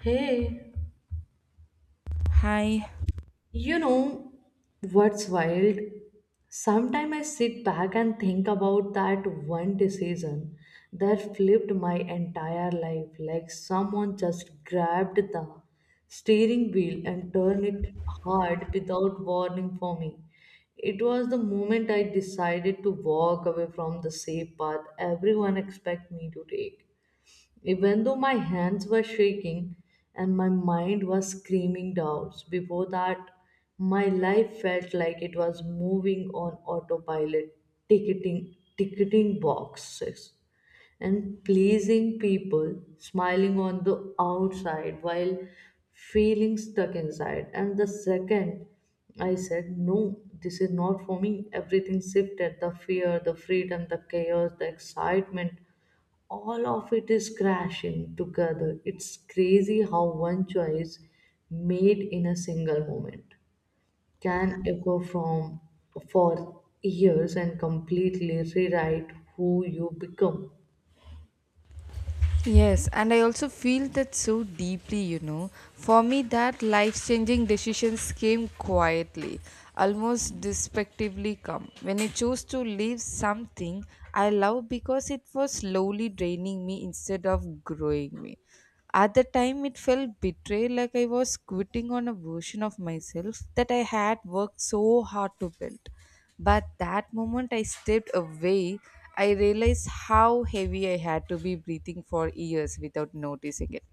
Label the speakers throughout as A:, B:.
A: Hey,
B: Hi.
A: you know what's wild? Sometimes I sit back and think about that one decision that flipped my entire life, like someone just grabbed the steering wheel and turned it hard without warning for me. It was the moment I decided to walk away from the safe path everyone expected me to take. Even though my hands were shaking and my mind was screaming doubts, before that, my life felt like it was moving on autopilot, ticketing boxes and pleasing people, smiling on the outside while feeling stuck inside. And the second I said, no, this is not for me, everything shifted, the fear, the freedom, the chaos, the excitement, all of it is crashing together. It's crazy how one choice made in a single moment can echo from for years and completely rewrite who you become.
B: Yes, and I also feel that so deeply, you know. For me, that life changing decisions came quietly, almost despectively come. When I chose to leave something I love because it was slowly draining me instead of growing me. At the time, it felt betrayed like I was quitting on a version of myself that I had worked so hard to build. But that moment I stepped away, I realized how heavy I had to be breathing for years without noticing it.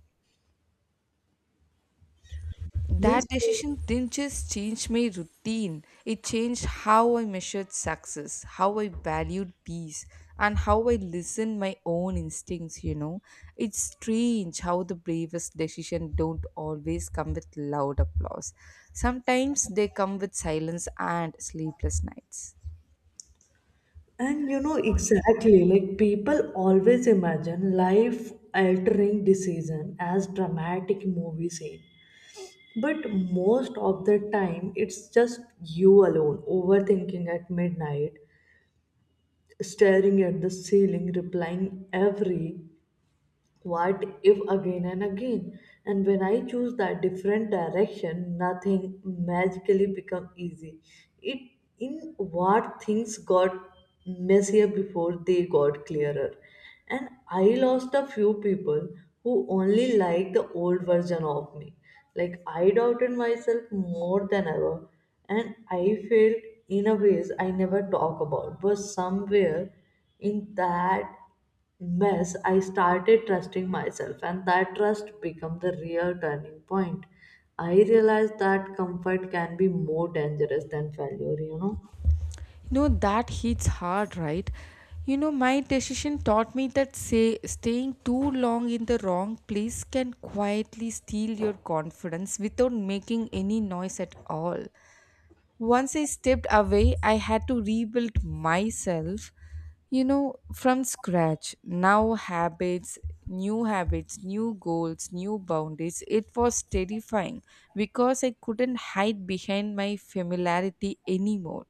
A: Yes,
B: That decision didn't just change my routine, it changed how I measured success, how I valued peace, and how I listened my own instincts, you know. It's strange how the bravest decisions don't always come with loud applause. Sometimes they come with silence and sleepless nights.
A: and you know exactly, like people always imagine life altering decision as dramatic movie scene. But most of the time, it's just you alone overthinking at midnight staring at the ceiling, replying every what if again and again? And when I choose that different direction, nothing magically become easy. It in what things got messier before they got clearer. And I lost a few people who only liked the old version of me. Like I doubted myself more than ever, and I felt in a ways I never talk about. But somewhere in that mess, I started trusting myself, and that trust became the real turning point. I realized that comfort can be more dangerous than failure, you know.
B: No, that hits hard, right? You know, my decision taught me that say, staying too long in the wrong place can quietly steal your confidence without making any noise at all. Once I stepped away, I had to rebuild myself, you know, from scratch. Now, habits, new goals, new boundaries. It was terrifying because I couldn't hide behind my familiarity anymore.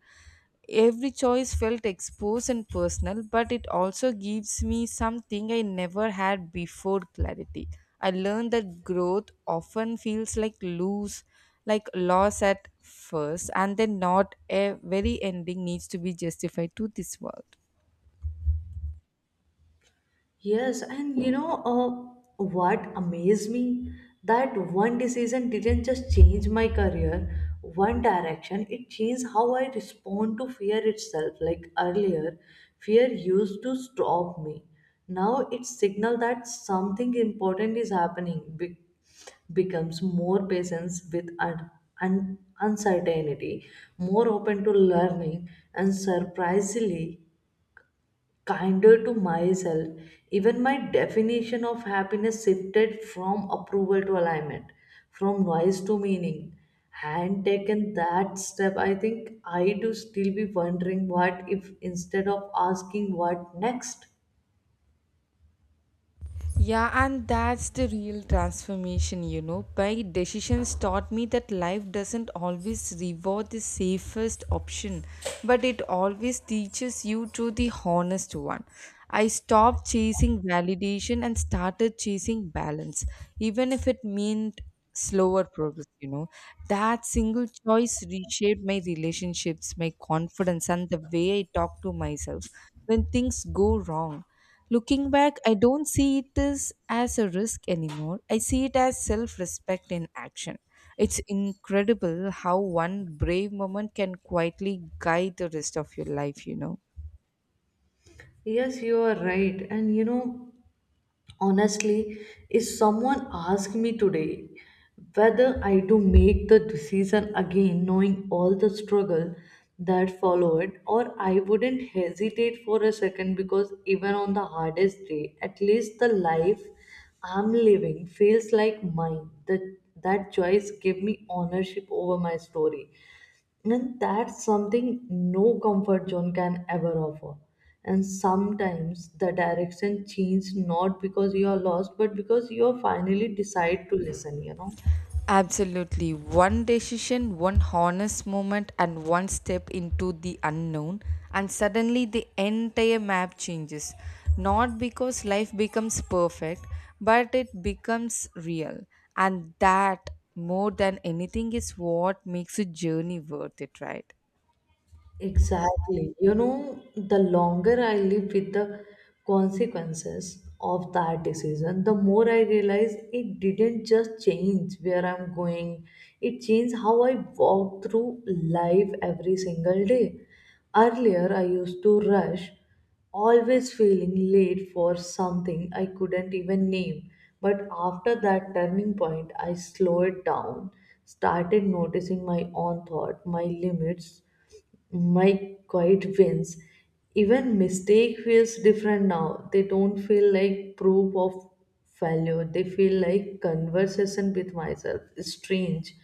B: Every choice felt exposed and personal, but it also gives me something I never had before clarity. I learned that growth often feels like lose, like loss at first, and then not a very ending needs to be justified to this world.
A: Yes, and you know, what amazed me? That one decision didn't just change my career, one direction, it changed how I respond to fear itself. Like earlier, fear used to stop me. Now it signal that something important is happening. Becomes more patience with uncertainty, more open to learning, and surprisingly kinder to myself. Even my definition of happiness shifted from approval to alignment, from noise to meaning. Had taken that step, I think I do still be wondering what if instead of asking what next.
B: Yeah, and that's the real transformation, you know. My decisions taught me that life doesn't always reward the safest option, but it always teaches you to the honest one. I stopped chasing validation and started chasing balance, even if it meant slower progress, you know. That single choice reshaped my relationships, my confidence, and the way I talk to myself when things go wrong. Looking back, I don't see it as a risk anymore. I see it as self respect in action. It's incredible how one brave moment can quietly guide the rest of your life, you know.
A: Yes, you are right. And you know, honestly, if someone asked me today whether I do make the decision again knowing all the struggle that followed, or I wouldn't hesitate for a second, because even on the hardest day, at least the life I'm living feels like mine. That that choice gave me ownership over my story, and that's something no comfort zone can ever offer. And sometimes the direction changes not because you are lost, but because you are finally decide to listen, you know.
B: Absolutely. One decision, one honest moment, and one step into the unknown, and suddenly the entire map changes. Not because life becomes perfect, but it becomes real. And that, more than anything, is what makes a journey worth it, right?
A: Exactly. You know, the longer I live with the consequences of that decision, the more I realize it didn't just change where I'm going, it changed how I walk through life every single day. Earlier, I used to rush, always feeling late for something I couldn't even name. But after that turning point, I slowed down, started noticing my own thought, my limits, my quiet wins. Even mistake feels different now. They don't feel like proof of failure. They feel like conversation with myself. It's strange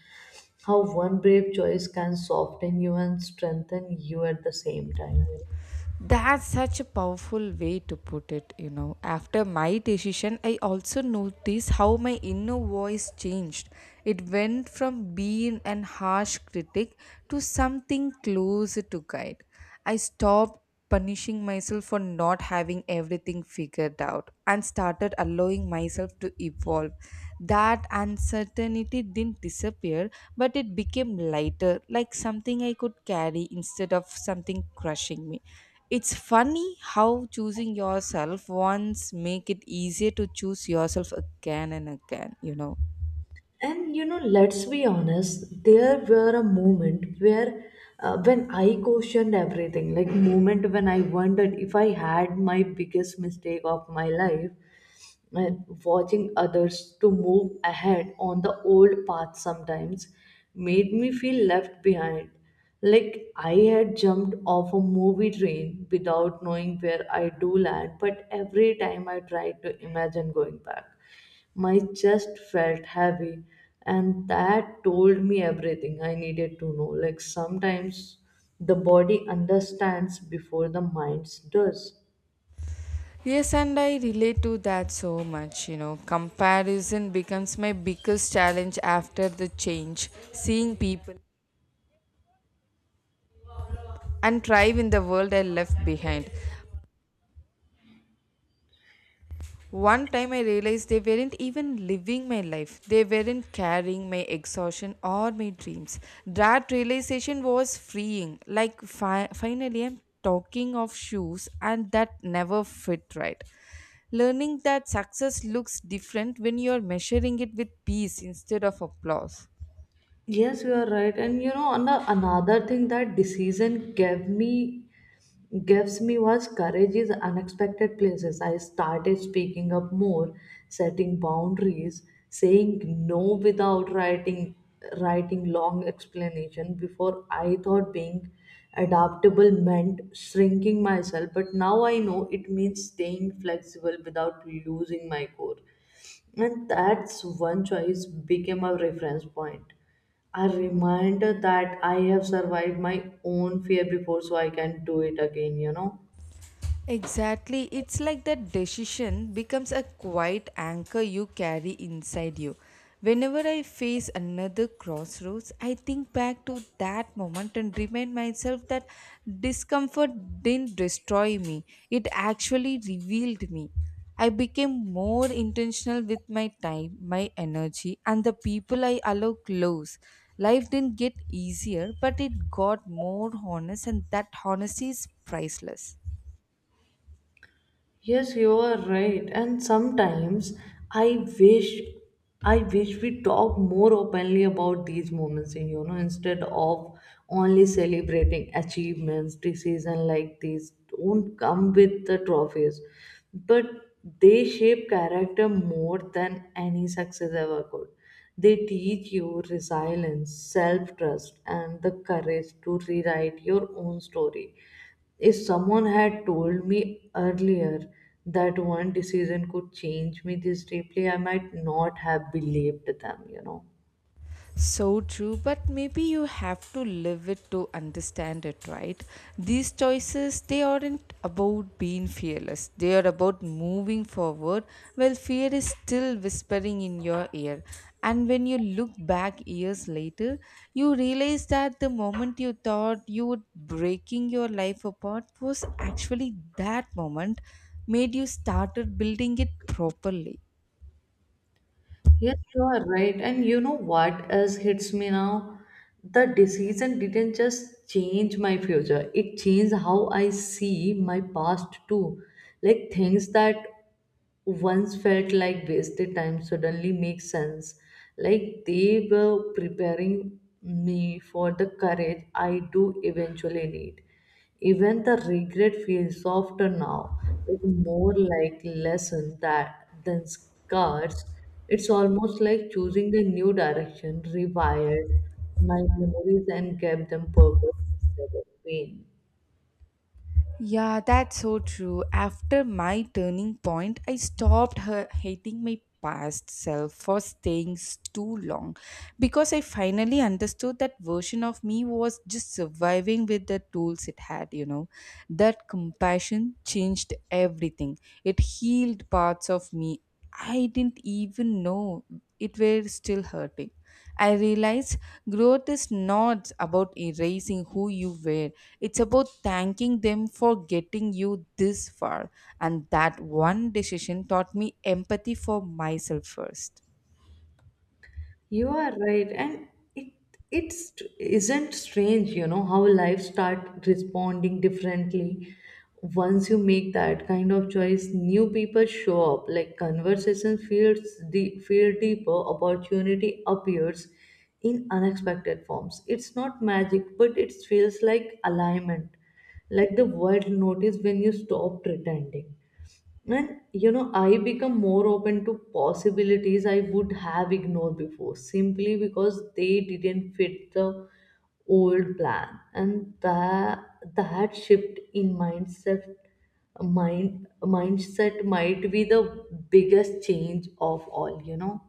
A: how one brave choice can soften you and strengthen you at the same time.
B: That's such a powerful way to put it, you know. After my decision, I also noticed how my inner voice changed. It went from being an harsh critic to something closer to guide. I stopped punishing myself for not having everything figured out and started allowing myself to evolve. That uncertainty didn't disappear, but it became lighter, like something I could carry instead of something crushing me. It's funny how choosing yourself once make it easier to choose yourself again and again, you know.
A: And you know, let's be honest, there were a moment where, when I questioned everything, like moment when I wondered if I had my biggest mistake of my life, and watching others to move ahead on the old path sometimes made me feel left behind, like I had jumped off a movie train without knowing where I do land. But every time I tried to imagine going back, my chest felt heavy, and that told me everything I needed to know. Like sometimes the body understands before the mind does.
B: Yes, and I relate to that so much, you know. Comparison becomes my biggest challenge after the change, seeing people and thrive in the world I left behind. One time I realized they weren't even living my life. They weren't carrying my exhaustion or my dreams. That realization was freeing. Like, finally, I'm talking of shoes, and that never fit right. Learning that success looks different when you're measuring it with peace instead of applause.
A: Yes, you are right. And you know, another thing that decision gave me gives me was courage is unexpected places. I started speaking up more, setting boundaries, saying no without writing long explanation. Before I thought being adaptable meant shrinking myself, but now I know it means staying flexible without losing my core. And that's one choice became a reference point. A reminder that I have survived my own fear before, so I can do it again, you know.
B: Exactly. It's like that decision becomes a quiet anchor you carry inside you. Whenever I face another crossroads, I think back to that moment and remind myself that discomfort didn't destroy me, it actually revealed me. I became more intentional with my time, my energy, and the people I allow close. Life didn't get easier, but it got more honest, and that honesty is priceless.
A: Yes, you are right. And sometimes I wish I wish we talk more openly about these moments, you know, instead of only celebrating achievements. Decisions like these don't come with the trophies, but they shape character more than any success ever could. They teach you resilience, self trust, and the courage to rewrite your own story. If someone had told me earlier that one decision could change me this deeply, I might not have believed them, you know.
B: So true, but maybe you have to live it to understand it, right? These choices, they aren't about being fearless. They are about moving forward while fear is still whispering in your ear. And when you look back years later, you realize that the moment you thought you were breaking your life apart was actually that moment made you started building it properly.
A: Yes, you are right. And you know what else hits me now? The decision didn't just change my future, it changed how I see my past too. Like things that once felt like wasted time suddenly makes sense. Like they were preparing me for the courage I do eventually need. Even the regret feels softer now, like more like lesson that than scars. It's almost like choosing a new direction, rewired my memories and gave them purpose instead of pain.
B: Yeah, that's so true. After my turning point, I stopped her hating my past self for staying too long because I finally understood that version of me was just surviving with the tools it had, you know. That compassion changed everything. It healed parts of me I didn't even know it were still hurting. I realized growth is not about erasing who you were. It's about thanking them for getting you this far. And that one decision taught me empathy for myself first.
A: You are right, and it it's isn't strange, you know, how life start responding differently. Once you make that kind of choice, new people show up. Like conversation feels, the feel deeper, opportunity appears in unexpected forms. It's not magic, but it feels like alignment. Like the world notice when you stop pretending. And you know, I become more open to possibilities I would have ignored before simply because they didn't fit the old plan. And that shift in mindset, mindset might be the biggest change of all, you know.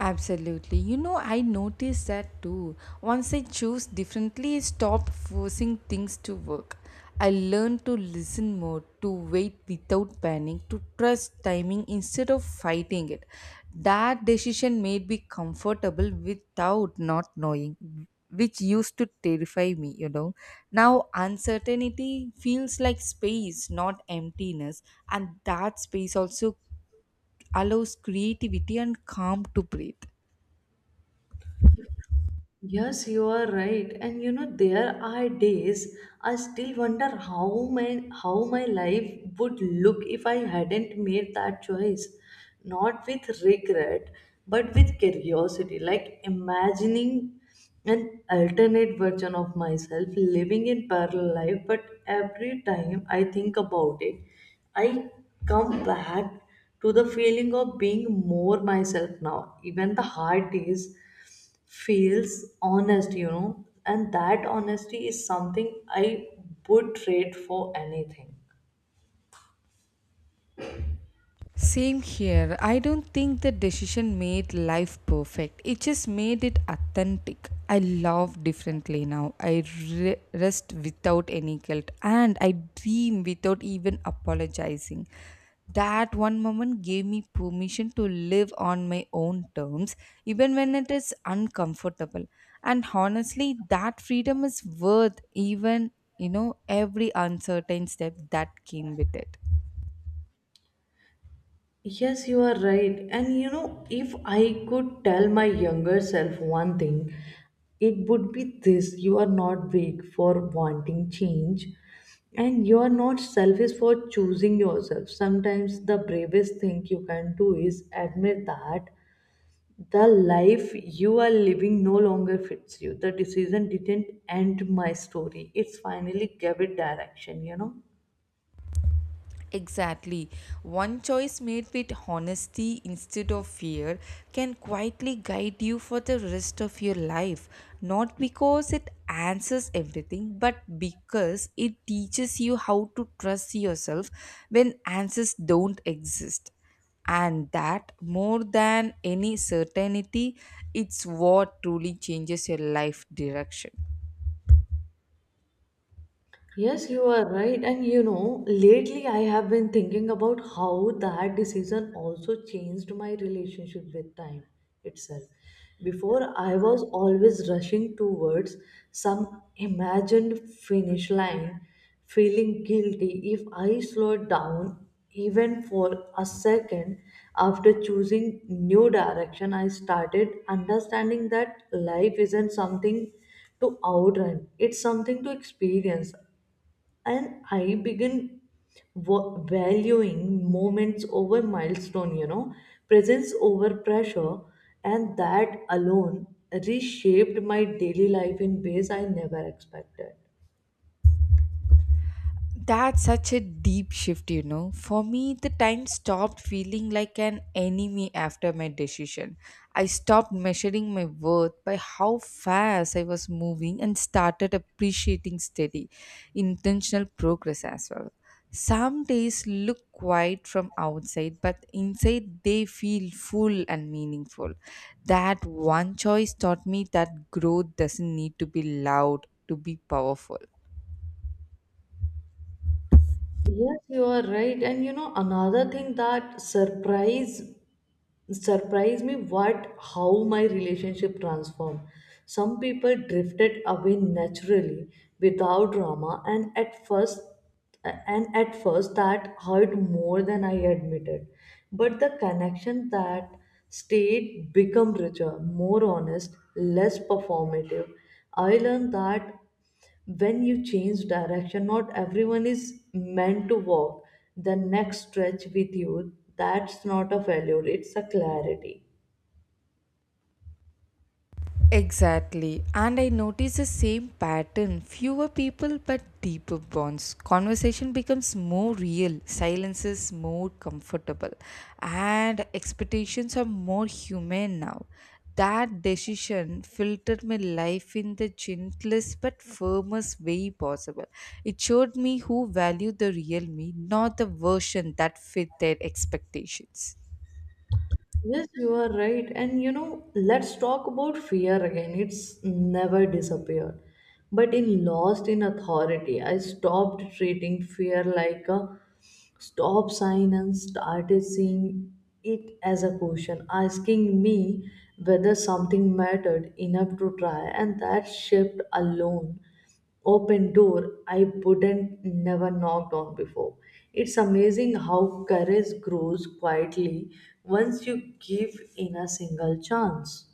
B: Absolutely. You know, I noticed that too. Once I choose differently, I stopped forcing things to work. I learned to listen more, to wait without panic, to trust timing instead of fighting it. That decision made me comfortable without not knowing, which used to terrify me, you know. Now, uncertainty feels like space, not emptiness, and that space also allows creativity and calm to breathe.
A: Yes, you are right. And you know, there are days I still wonder how my life would look if I hadn't made that choice. Not with regret, but with curiosity. Like imagining an alternate version of myself living in parallel life, but every time I think about it, I come back to the feeling of being more myself now. Even the hard days feels honest, you know, and that honesty is something I would trade for anything.
B: Same here. I don't think the decision made life perfect. It just made it authentic. I love differently now. I rest without any guilt and I dream without even apologizing. That one moment gave me permission to live on my own terms, even when it is uncomfortable. And honestly, that freedom is worth even, you know, every uncertain step that came with it.
A: Yes, you are right. And you know, if I could tell my younger self one thing, it would be this: you are not weak for wanting change, and you are not selfish for choosing yourself. Sometimes the bravest thing you can do is admit that the life you are living no longer fits you. The decision didn't end my story, it's finally gave it direction, you know.
B: Exactly. One choice made with honesty instead of fear can quietly guide you for the rest of your life. Not because it answers everything, but because it teaches you how to trust yourself when answers don't exist. And that, more than any certainty, it's what truly changes your life direction.
A: Yes, you are right. And you know, lately I have been thinking about how that decision also changed my relationship with time itself. Before, I was always rushing towards some imagined finish line, feeling guilty if I slowed down even for a second. After choosing new direction, I started understanding that life isn't something to outrun, it's something to experience. And I began valuing moments over milestone, you know, presence over pressure. And that alone reshaped my daily life in ways I never expected.
B: That's such a deep shift, you know. For me, the time stopped feeling like an enemy after my decision. I stopped measuring my worth by how fast I was moving and started appreciating steady, intentional progress as well. Some days look quiet from outside, but inside they feel full and meaningful. That one choice taught me that growth doesn't need to be loud to be powerful.
A: Yes, you are right. And you know, another thing that surprised me what, how my relationship transformed. Some people drifted away naturally without drama, and at first that hurt more than I admitted. But the connection that stayed become richer, more honest, less performative. I learned that when you change direction, not everyone is meant to walk the next stretch with you. That's not a failure, it's a clarity.
B: Exactly. And I notice the same pattern. Fewer people but deeper bonds. Conversation becomes more real. Silence is more comfortable. And expectations are more human now. That decision filtered my life in the gentlest but firmest way possible. It showed me who valued the real me, not the version that fit their expectations.
A: Yes, you are right. And you know, let's talk about fear again. It's never disappeared. But in Lost in Authority, I stopped treating fear like a stop sign and started seeing it as a question, asking me whether something mattered enough to try. And that shift alone open door I wouldn't never knocked on before. It's amazing how courage grows quietly once you give in a single chance.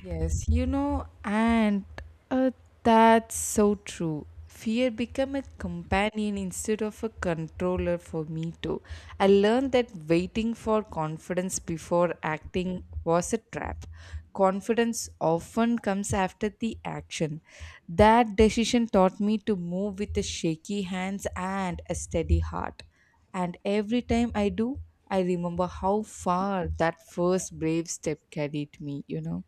B: Yes, you know, and uh, that's so true. Fear become a companion instead of a controller for me too. I learned that waiting for confidence before acting was a trap. Confidence often comes after the action. That decision taught me to move with a shaky hands and a steady heart. And every time I do, I remember how far that first brave step carried me, you know.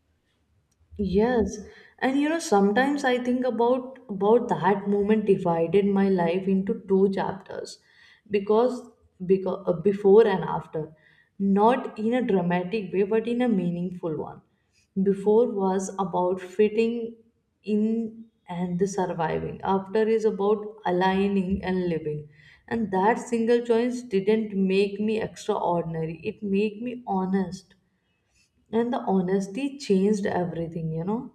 A: Yes, and you know, sometimes I think about that moment divided my life into two chapters, because because, before and after, not in a dramatic way, but in a meaningful one. Before was about fitting in and the surviving. After is about aligning and living. And that single choice didn't make me extraordinary. It made me honest. And the honesty changed everything, you know.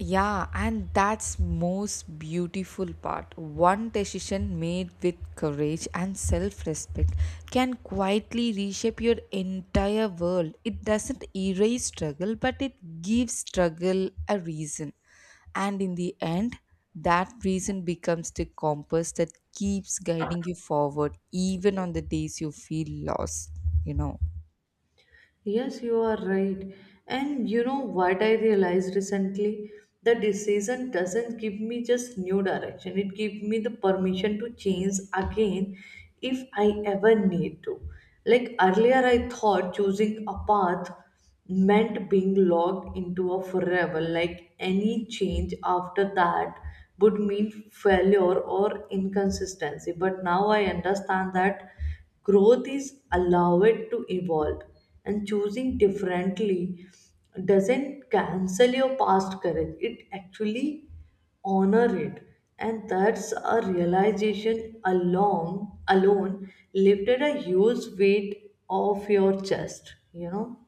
B: Yeah, and that's most beautiful part. One decision made with courage and self-respect can quietly reshape your entire world. It doesn't erase struggle, but it gives struggle a reason. And in the end, that reason becomes the compass that keeps guiding you forward even on the days you feel lost, you know.
A: Yes, you are right. And you know what I realized recently? The decision doesn't give me just new direction. It gives me the permission to change again if I ever need to. Like earlier I thought choosing a path meant being locked into a forever. Like any change after that would mean failure or inconsistency. But now I understand that growth is allowed to evolve, and choosing differently doesn't cancel your past courage, it actually honor it. And that's a realization along alone lifted a huge weight off your chest, you know.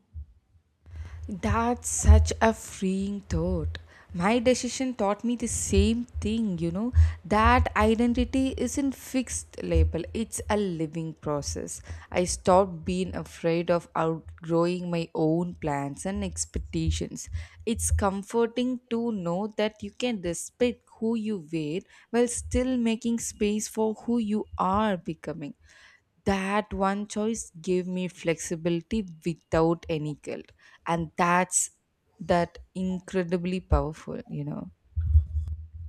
B: That's such a freeing thought. My decision taught me the same thing, you know, that identity isn't fixed label, it's a living process. I stopped being afraid of outgrowing my own plans and expectations. It's comforting to know that you can respect who you were while still making space for who you are becoming. That one choice gave me flexibility without any guilt, and that's that incredibly powerful, you know.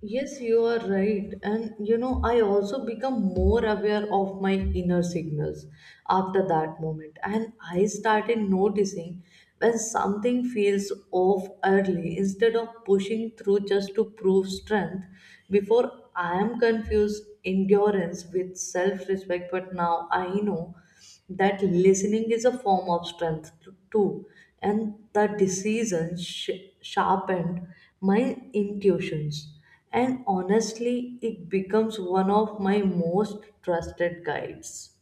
A: Yes, you are right. And you know, I also become more aware of my inner signals after that moment. And I started noticing when something feels off early instead of pushing through just to prove strength. Before I am confused endurance with self respect, but now I know that listening is a form of strength too. And the sharpened my intuitions. And honestly, it becomes one of my most trusted guides.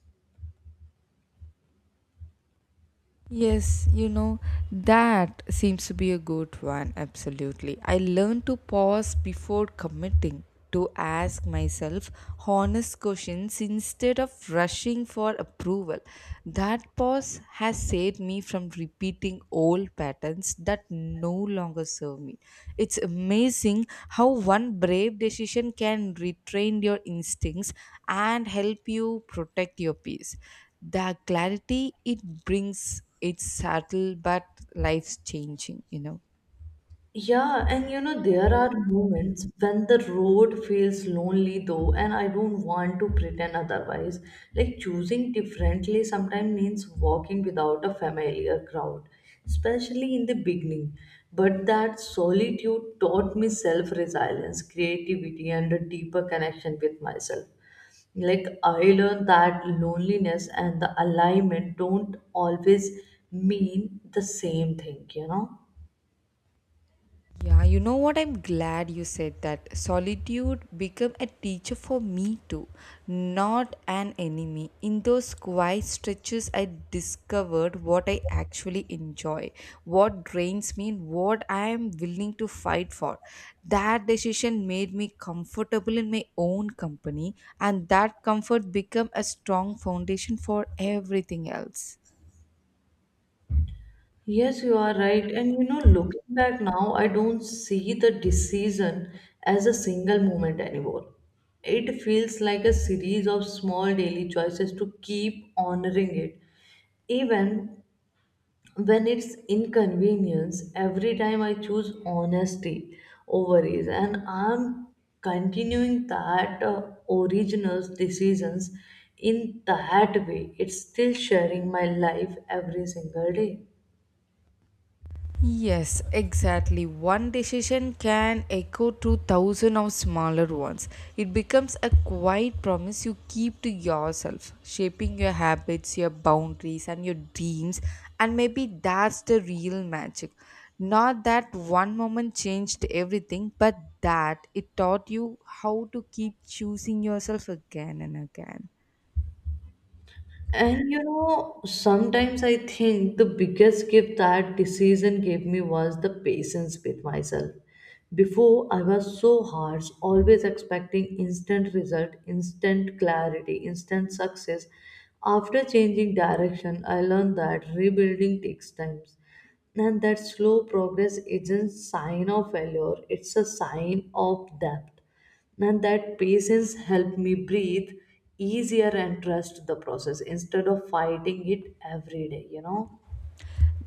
B: Yes, you know, that seems to be a good one, absolutely. I learned to pause before committing, to ask myself honest questions instead of rushing for approval. That pause has saved me from repeating old patterns that no longer serve me. It's amazing how one brave decision can retrain your instincts and help you protect your peace. The clarity it brings, it's subtle but life's changing, you know.
A: Yeah, and you know, there are moments when the road feels lonely though, and I don't want to pretend otherwise. Like choosing differently sometimes means walking without a familiar crowd, especially in the beginning. But that solitude taught me self resilience, creativity, and a deeper connection with myself. Like I learned that loneliness and the alignment don't always mean the same thing, you know?
B: Yeah, you know what, I'm glad you said that. Solitude become a teacher for me too, not an enemy. In those quiet stretches I discovered what I actually enjoy, what drains me, and what I am willing to fight for. That decision made me comfortable in my own company, and that comfort become a strong foundation for everything else.
A: Yes, you are right. And you know, looking back now, I don't see the decision as a single moment anymore. It feels like a series of small daily choices to keep honoring it. Even when it's inconvenience, every time I choose honesty over ease, and I'm continuing that original decisions in that way. It's still sharing my life every single day.
B: Yes, exactly. One decision can echo through thousands of smaller ones. It becomes a quiet promise you keep to yourself, shaping your habits, your boundaries, and your dreams. And maybe that's the real magic. Not that one moment changed everything, but that it taught you how to keep choosing yourself again and again.
A: And you know, sometimes I think the biggest gift that decision gave me was the patience with myself. Before, I was so harsh, always expecting instant result, instant clarity, instant success. After changing direction, I learned that rebuilding takes time. And that slow progress isn't sign of failure, it's a sign of depth. And that patience helped me breathe easier and trust the process instead of fighting it every day, you know.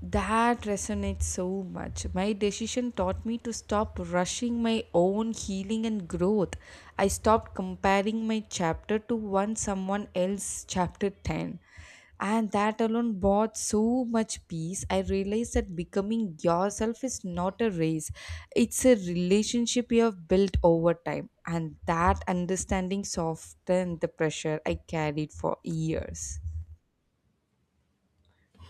B: That resonates so much. My decision taught me to stop rushing my own healing and growth. I stopped comparing my chapter to one someone else's chapter 10. And that alone brought so much peace. I realized that becoming yourself is not a race, it's a relationship you have built over time. And that understanding softened the pressure I carried for years.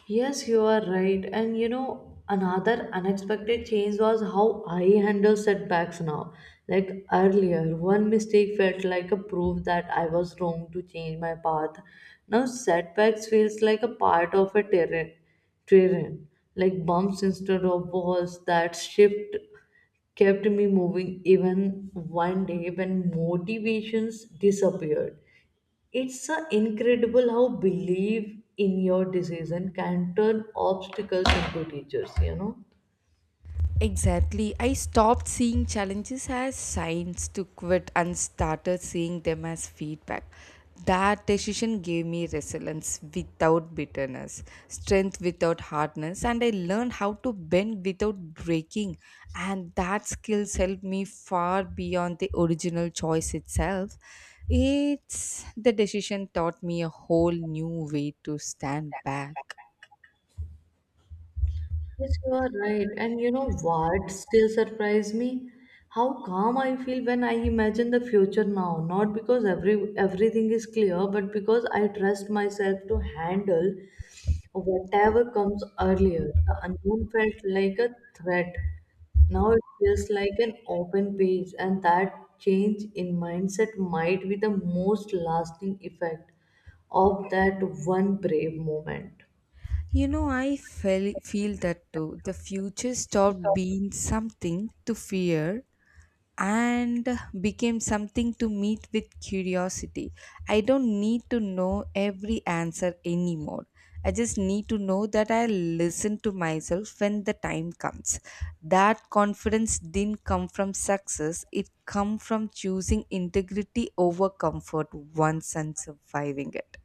A: Yes, you are right. And you know, another unexpected change was how I handle setbacks now. Like earlier, one mistake felt like a proof that I was wrong to change my path. Now, setbacks feels like a part of a terrain, like bumps instead of walls that shift kept me moving even one day when motivations disappeared. It's incredible how belief in your decision can turn obstacles into teachers, you know.
B: Exactly. I stopped seeing challenges as signs to quit and started seeing them as feedback. That decision gave me resilience without bitterness, strength without hardness, and I learned how to bend without breaking. And that skills helped me far beyond the original choice itself. It's the decision taught me a whole new way to stand back.
A: Yes, you are right. And you know what still surprised me? How calm I feel when I imagine the future now. Not because everything is clear, but because I trust myself to handle whatever comes. Earlier, the unknown felt like a threat. Now it feels like an open page, and that change in mindset might be the most lasting effect of that one brave moment.
B: You know, I feel that too. The future stopped being something to fear and became something to meet with curiosity. I don't need to know every answer anymore. I just need to know that I listen to myself when the time comes. That confidence didn't come from success, it come from choosing integrity over comfort once and surviving it.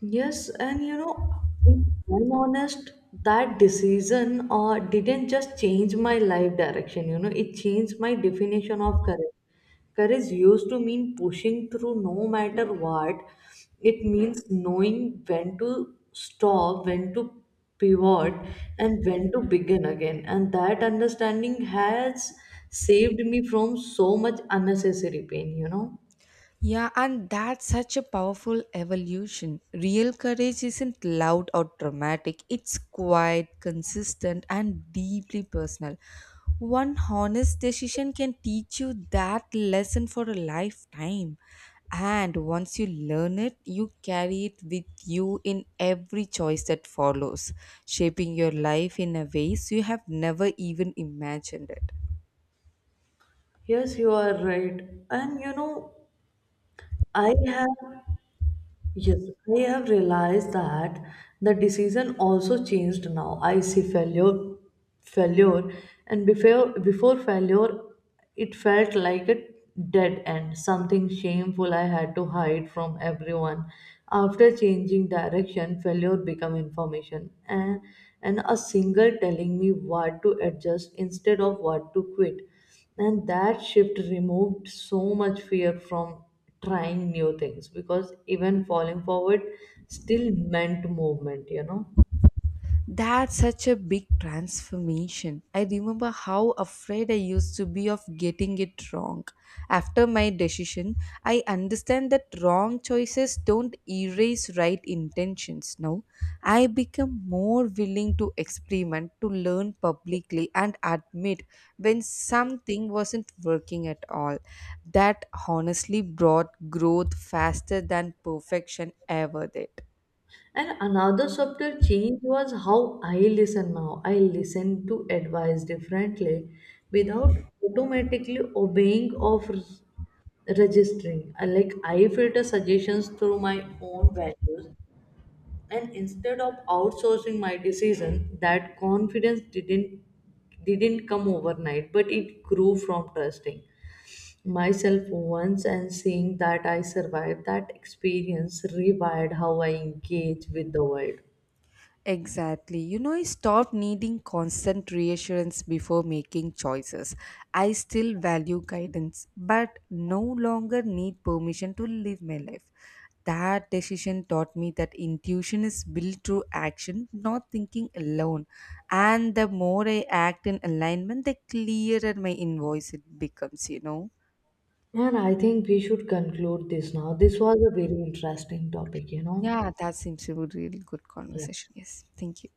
A: Yes, and you know, if I'm honest, that decision didn't just change my life direction, you know, it changed my definition of courage. Courage used to mean pushing through no matter what. It means knowing when to stop, when to pivot, and when to begin again. And that understanding has saved me from so much unnecessary pain, you know.
B: Yeah, and that's such a powerful evolution. Real courage isn't loud or dramatic, it's quiet, consistent, and deeply personal. One honest decision can teach you that lesson for a lifetime. And once you learn it, you carry it with you in every choice that follows, shaping your life in a ways you have never even imagined it.
A: Yes, you are right. And you know, I have Yes, I have realized that the decision also changed now. I see failure, and before failure, it felt like a dead end, something shameful I had to hide from everyone. After changing direction, failure became information, and a single telling me what to adjust instead of what to quit. And that shift removed so much fear from trying new things, because even falling forward still meant movement, you know.
B: That's such a big transformation. I remember how afraid I used to be of getting it wrong. After my decision, I understand that wrong choices don't erase right intentions. Now, I become more willing to experiment, to learn publicly, and admit when something wasn't working at all. That honestly brought growth faster than perfection ever did.
A: And another subtle change was how I listen now. I listen to advice differently without automatically obeying or registering. Like I filter suggestions through my own values and instead of outsourcing my decision, that confidence didn't come overnight, but it grew from trusting myself once and seeing that I survived. That experience rewired how I engage with the world.
B: Exactly. You know, I stopped needing constant reassurance before making choices. I still value guidance, but no longer need permission to live my life. That decision taught me that intuition is built through action, not thinking alone. And the more I act in alignment, the clearer my invoice it becomes, you know.
A: And I think we should conclude this now. This was a very interesting topic, you know.
B: Yeah, that seems to be a really good
A: Yeah.
B: conversation. Yes. Thank you.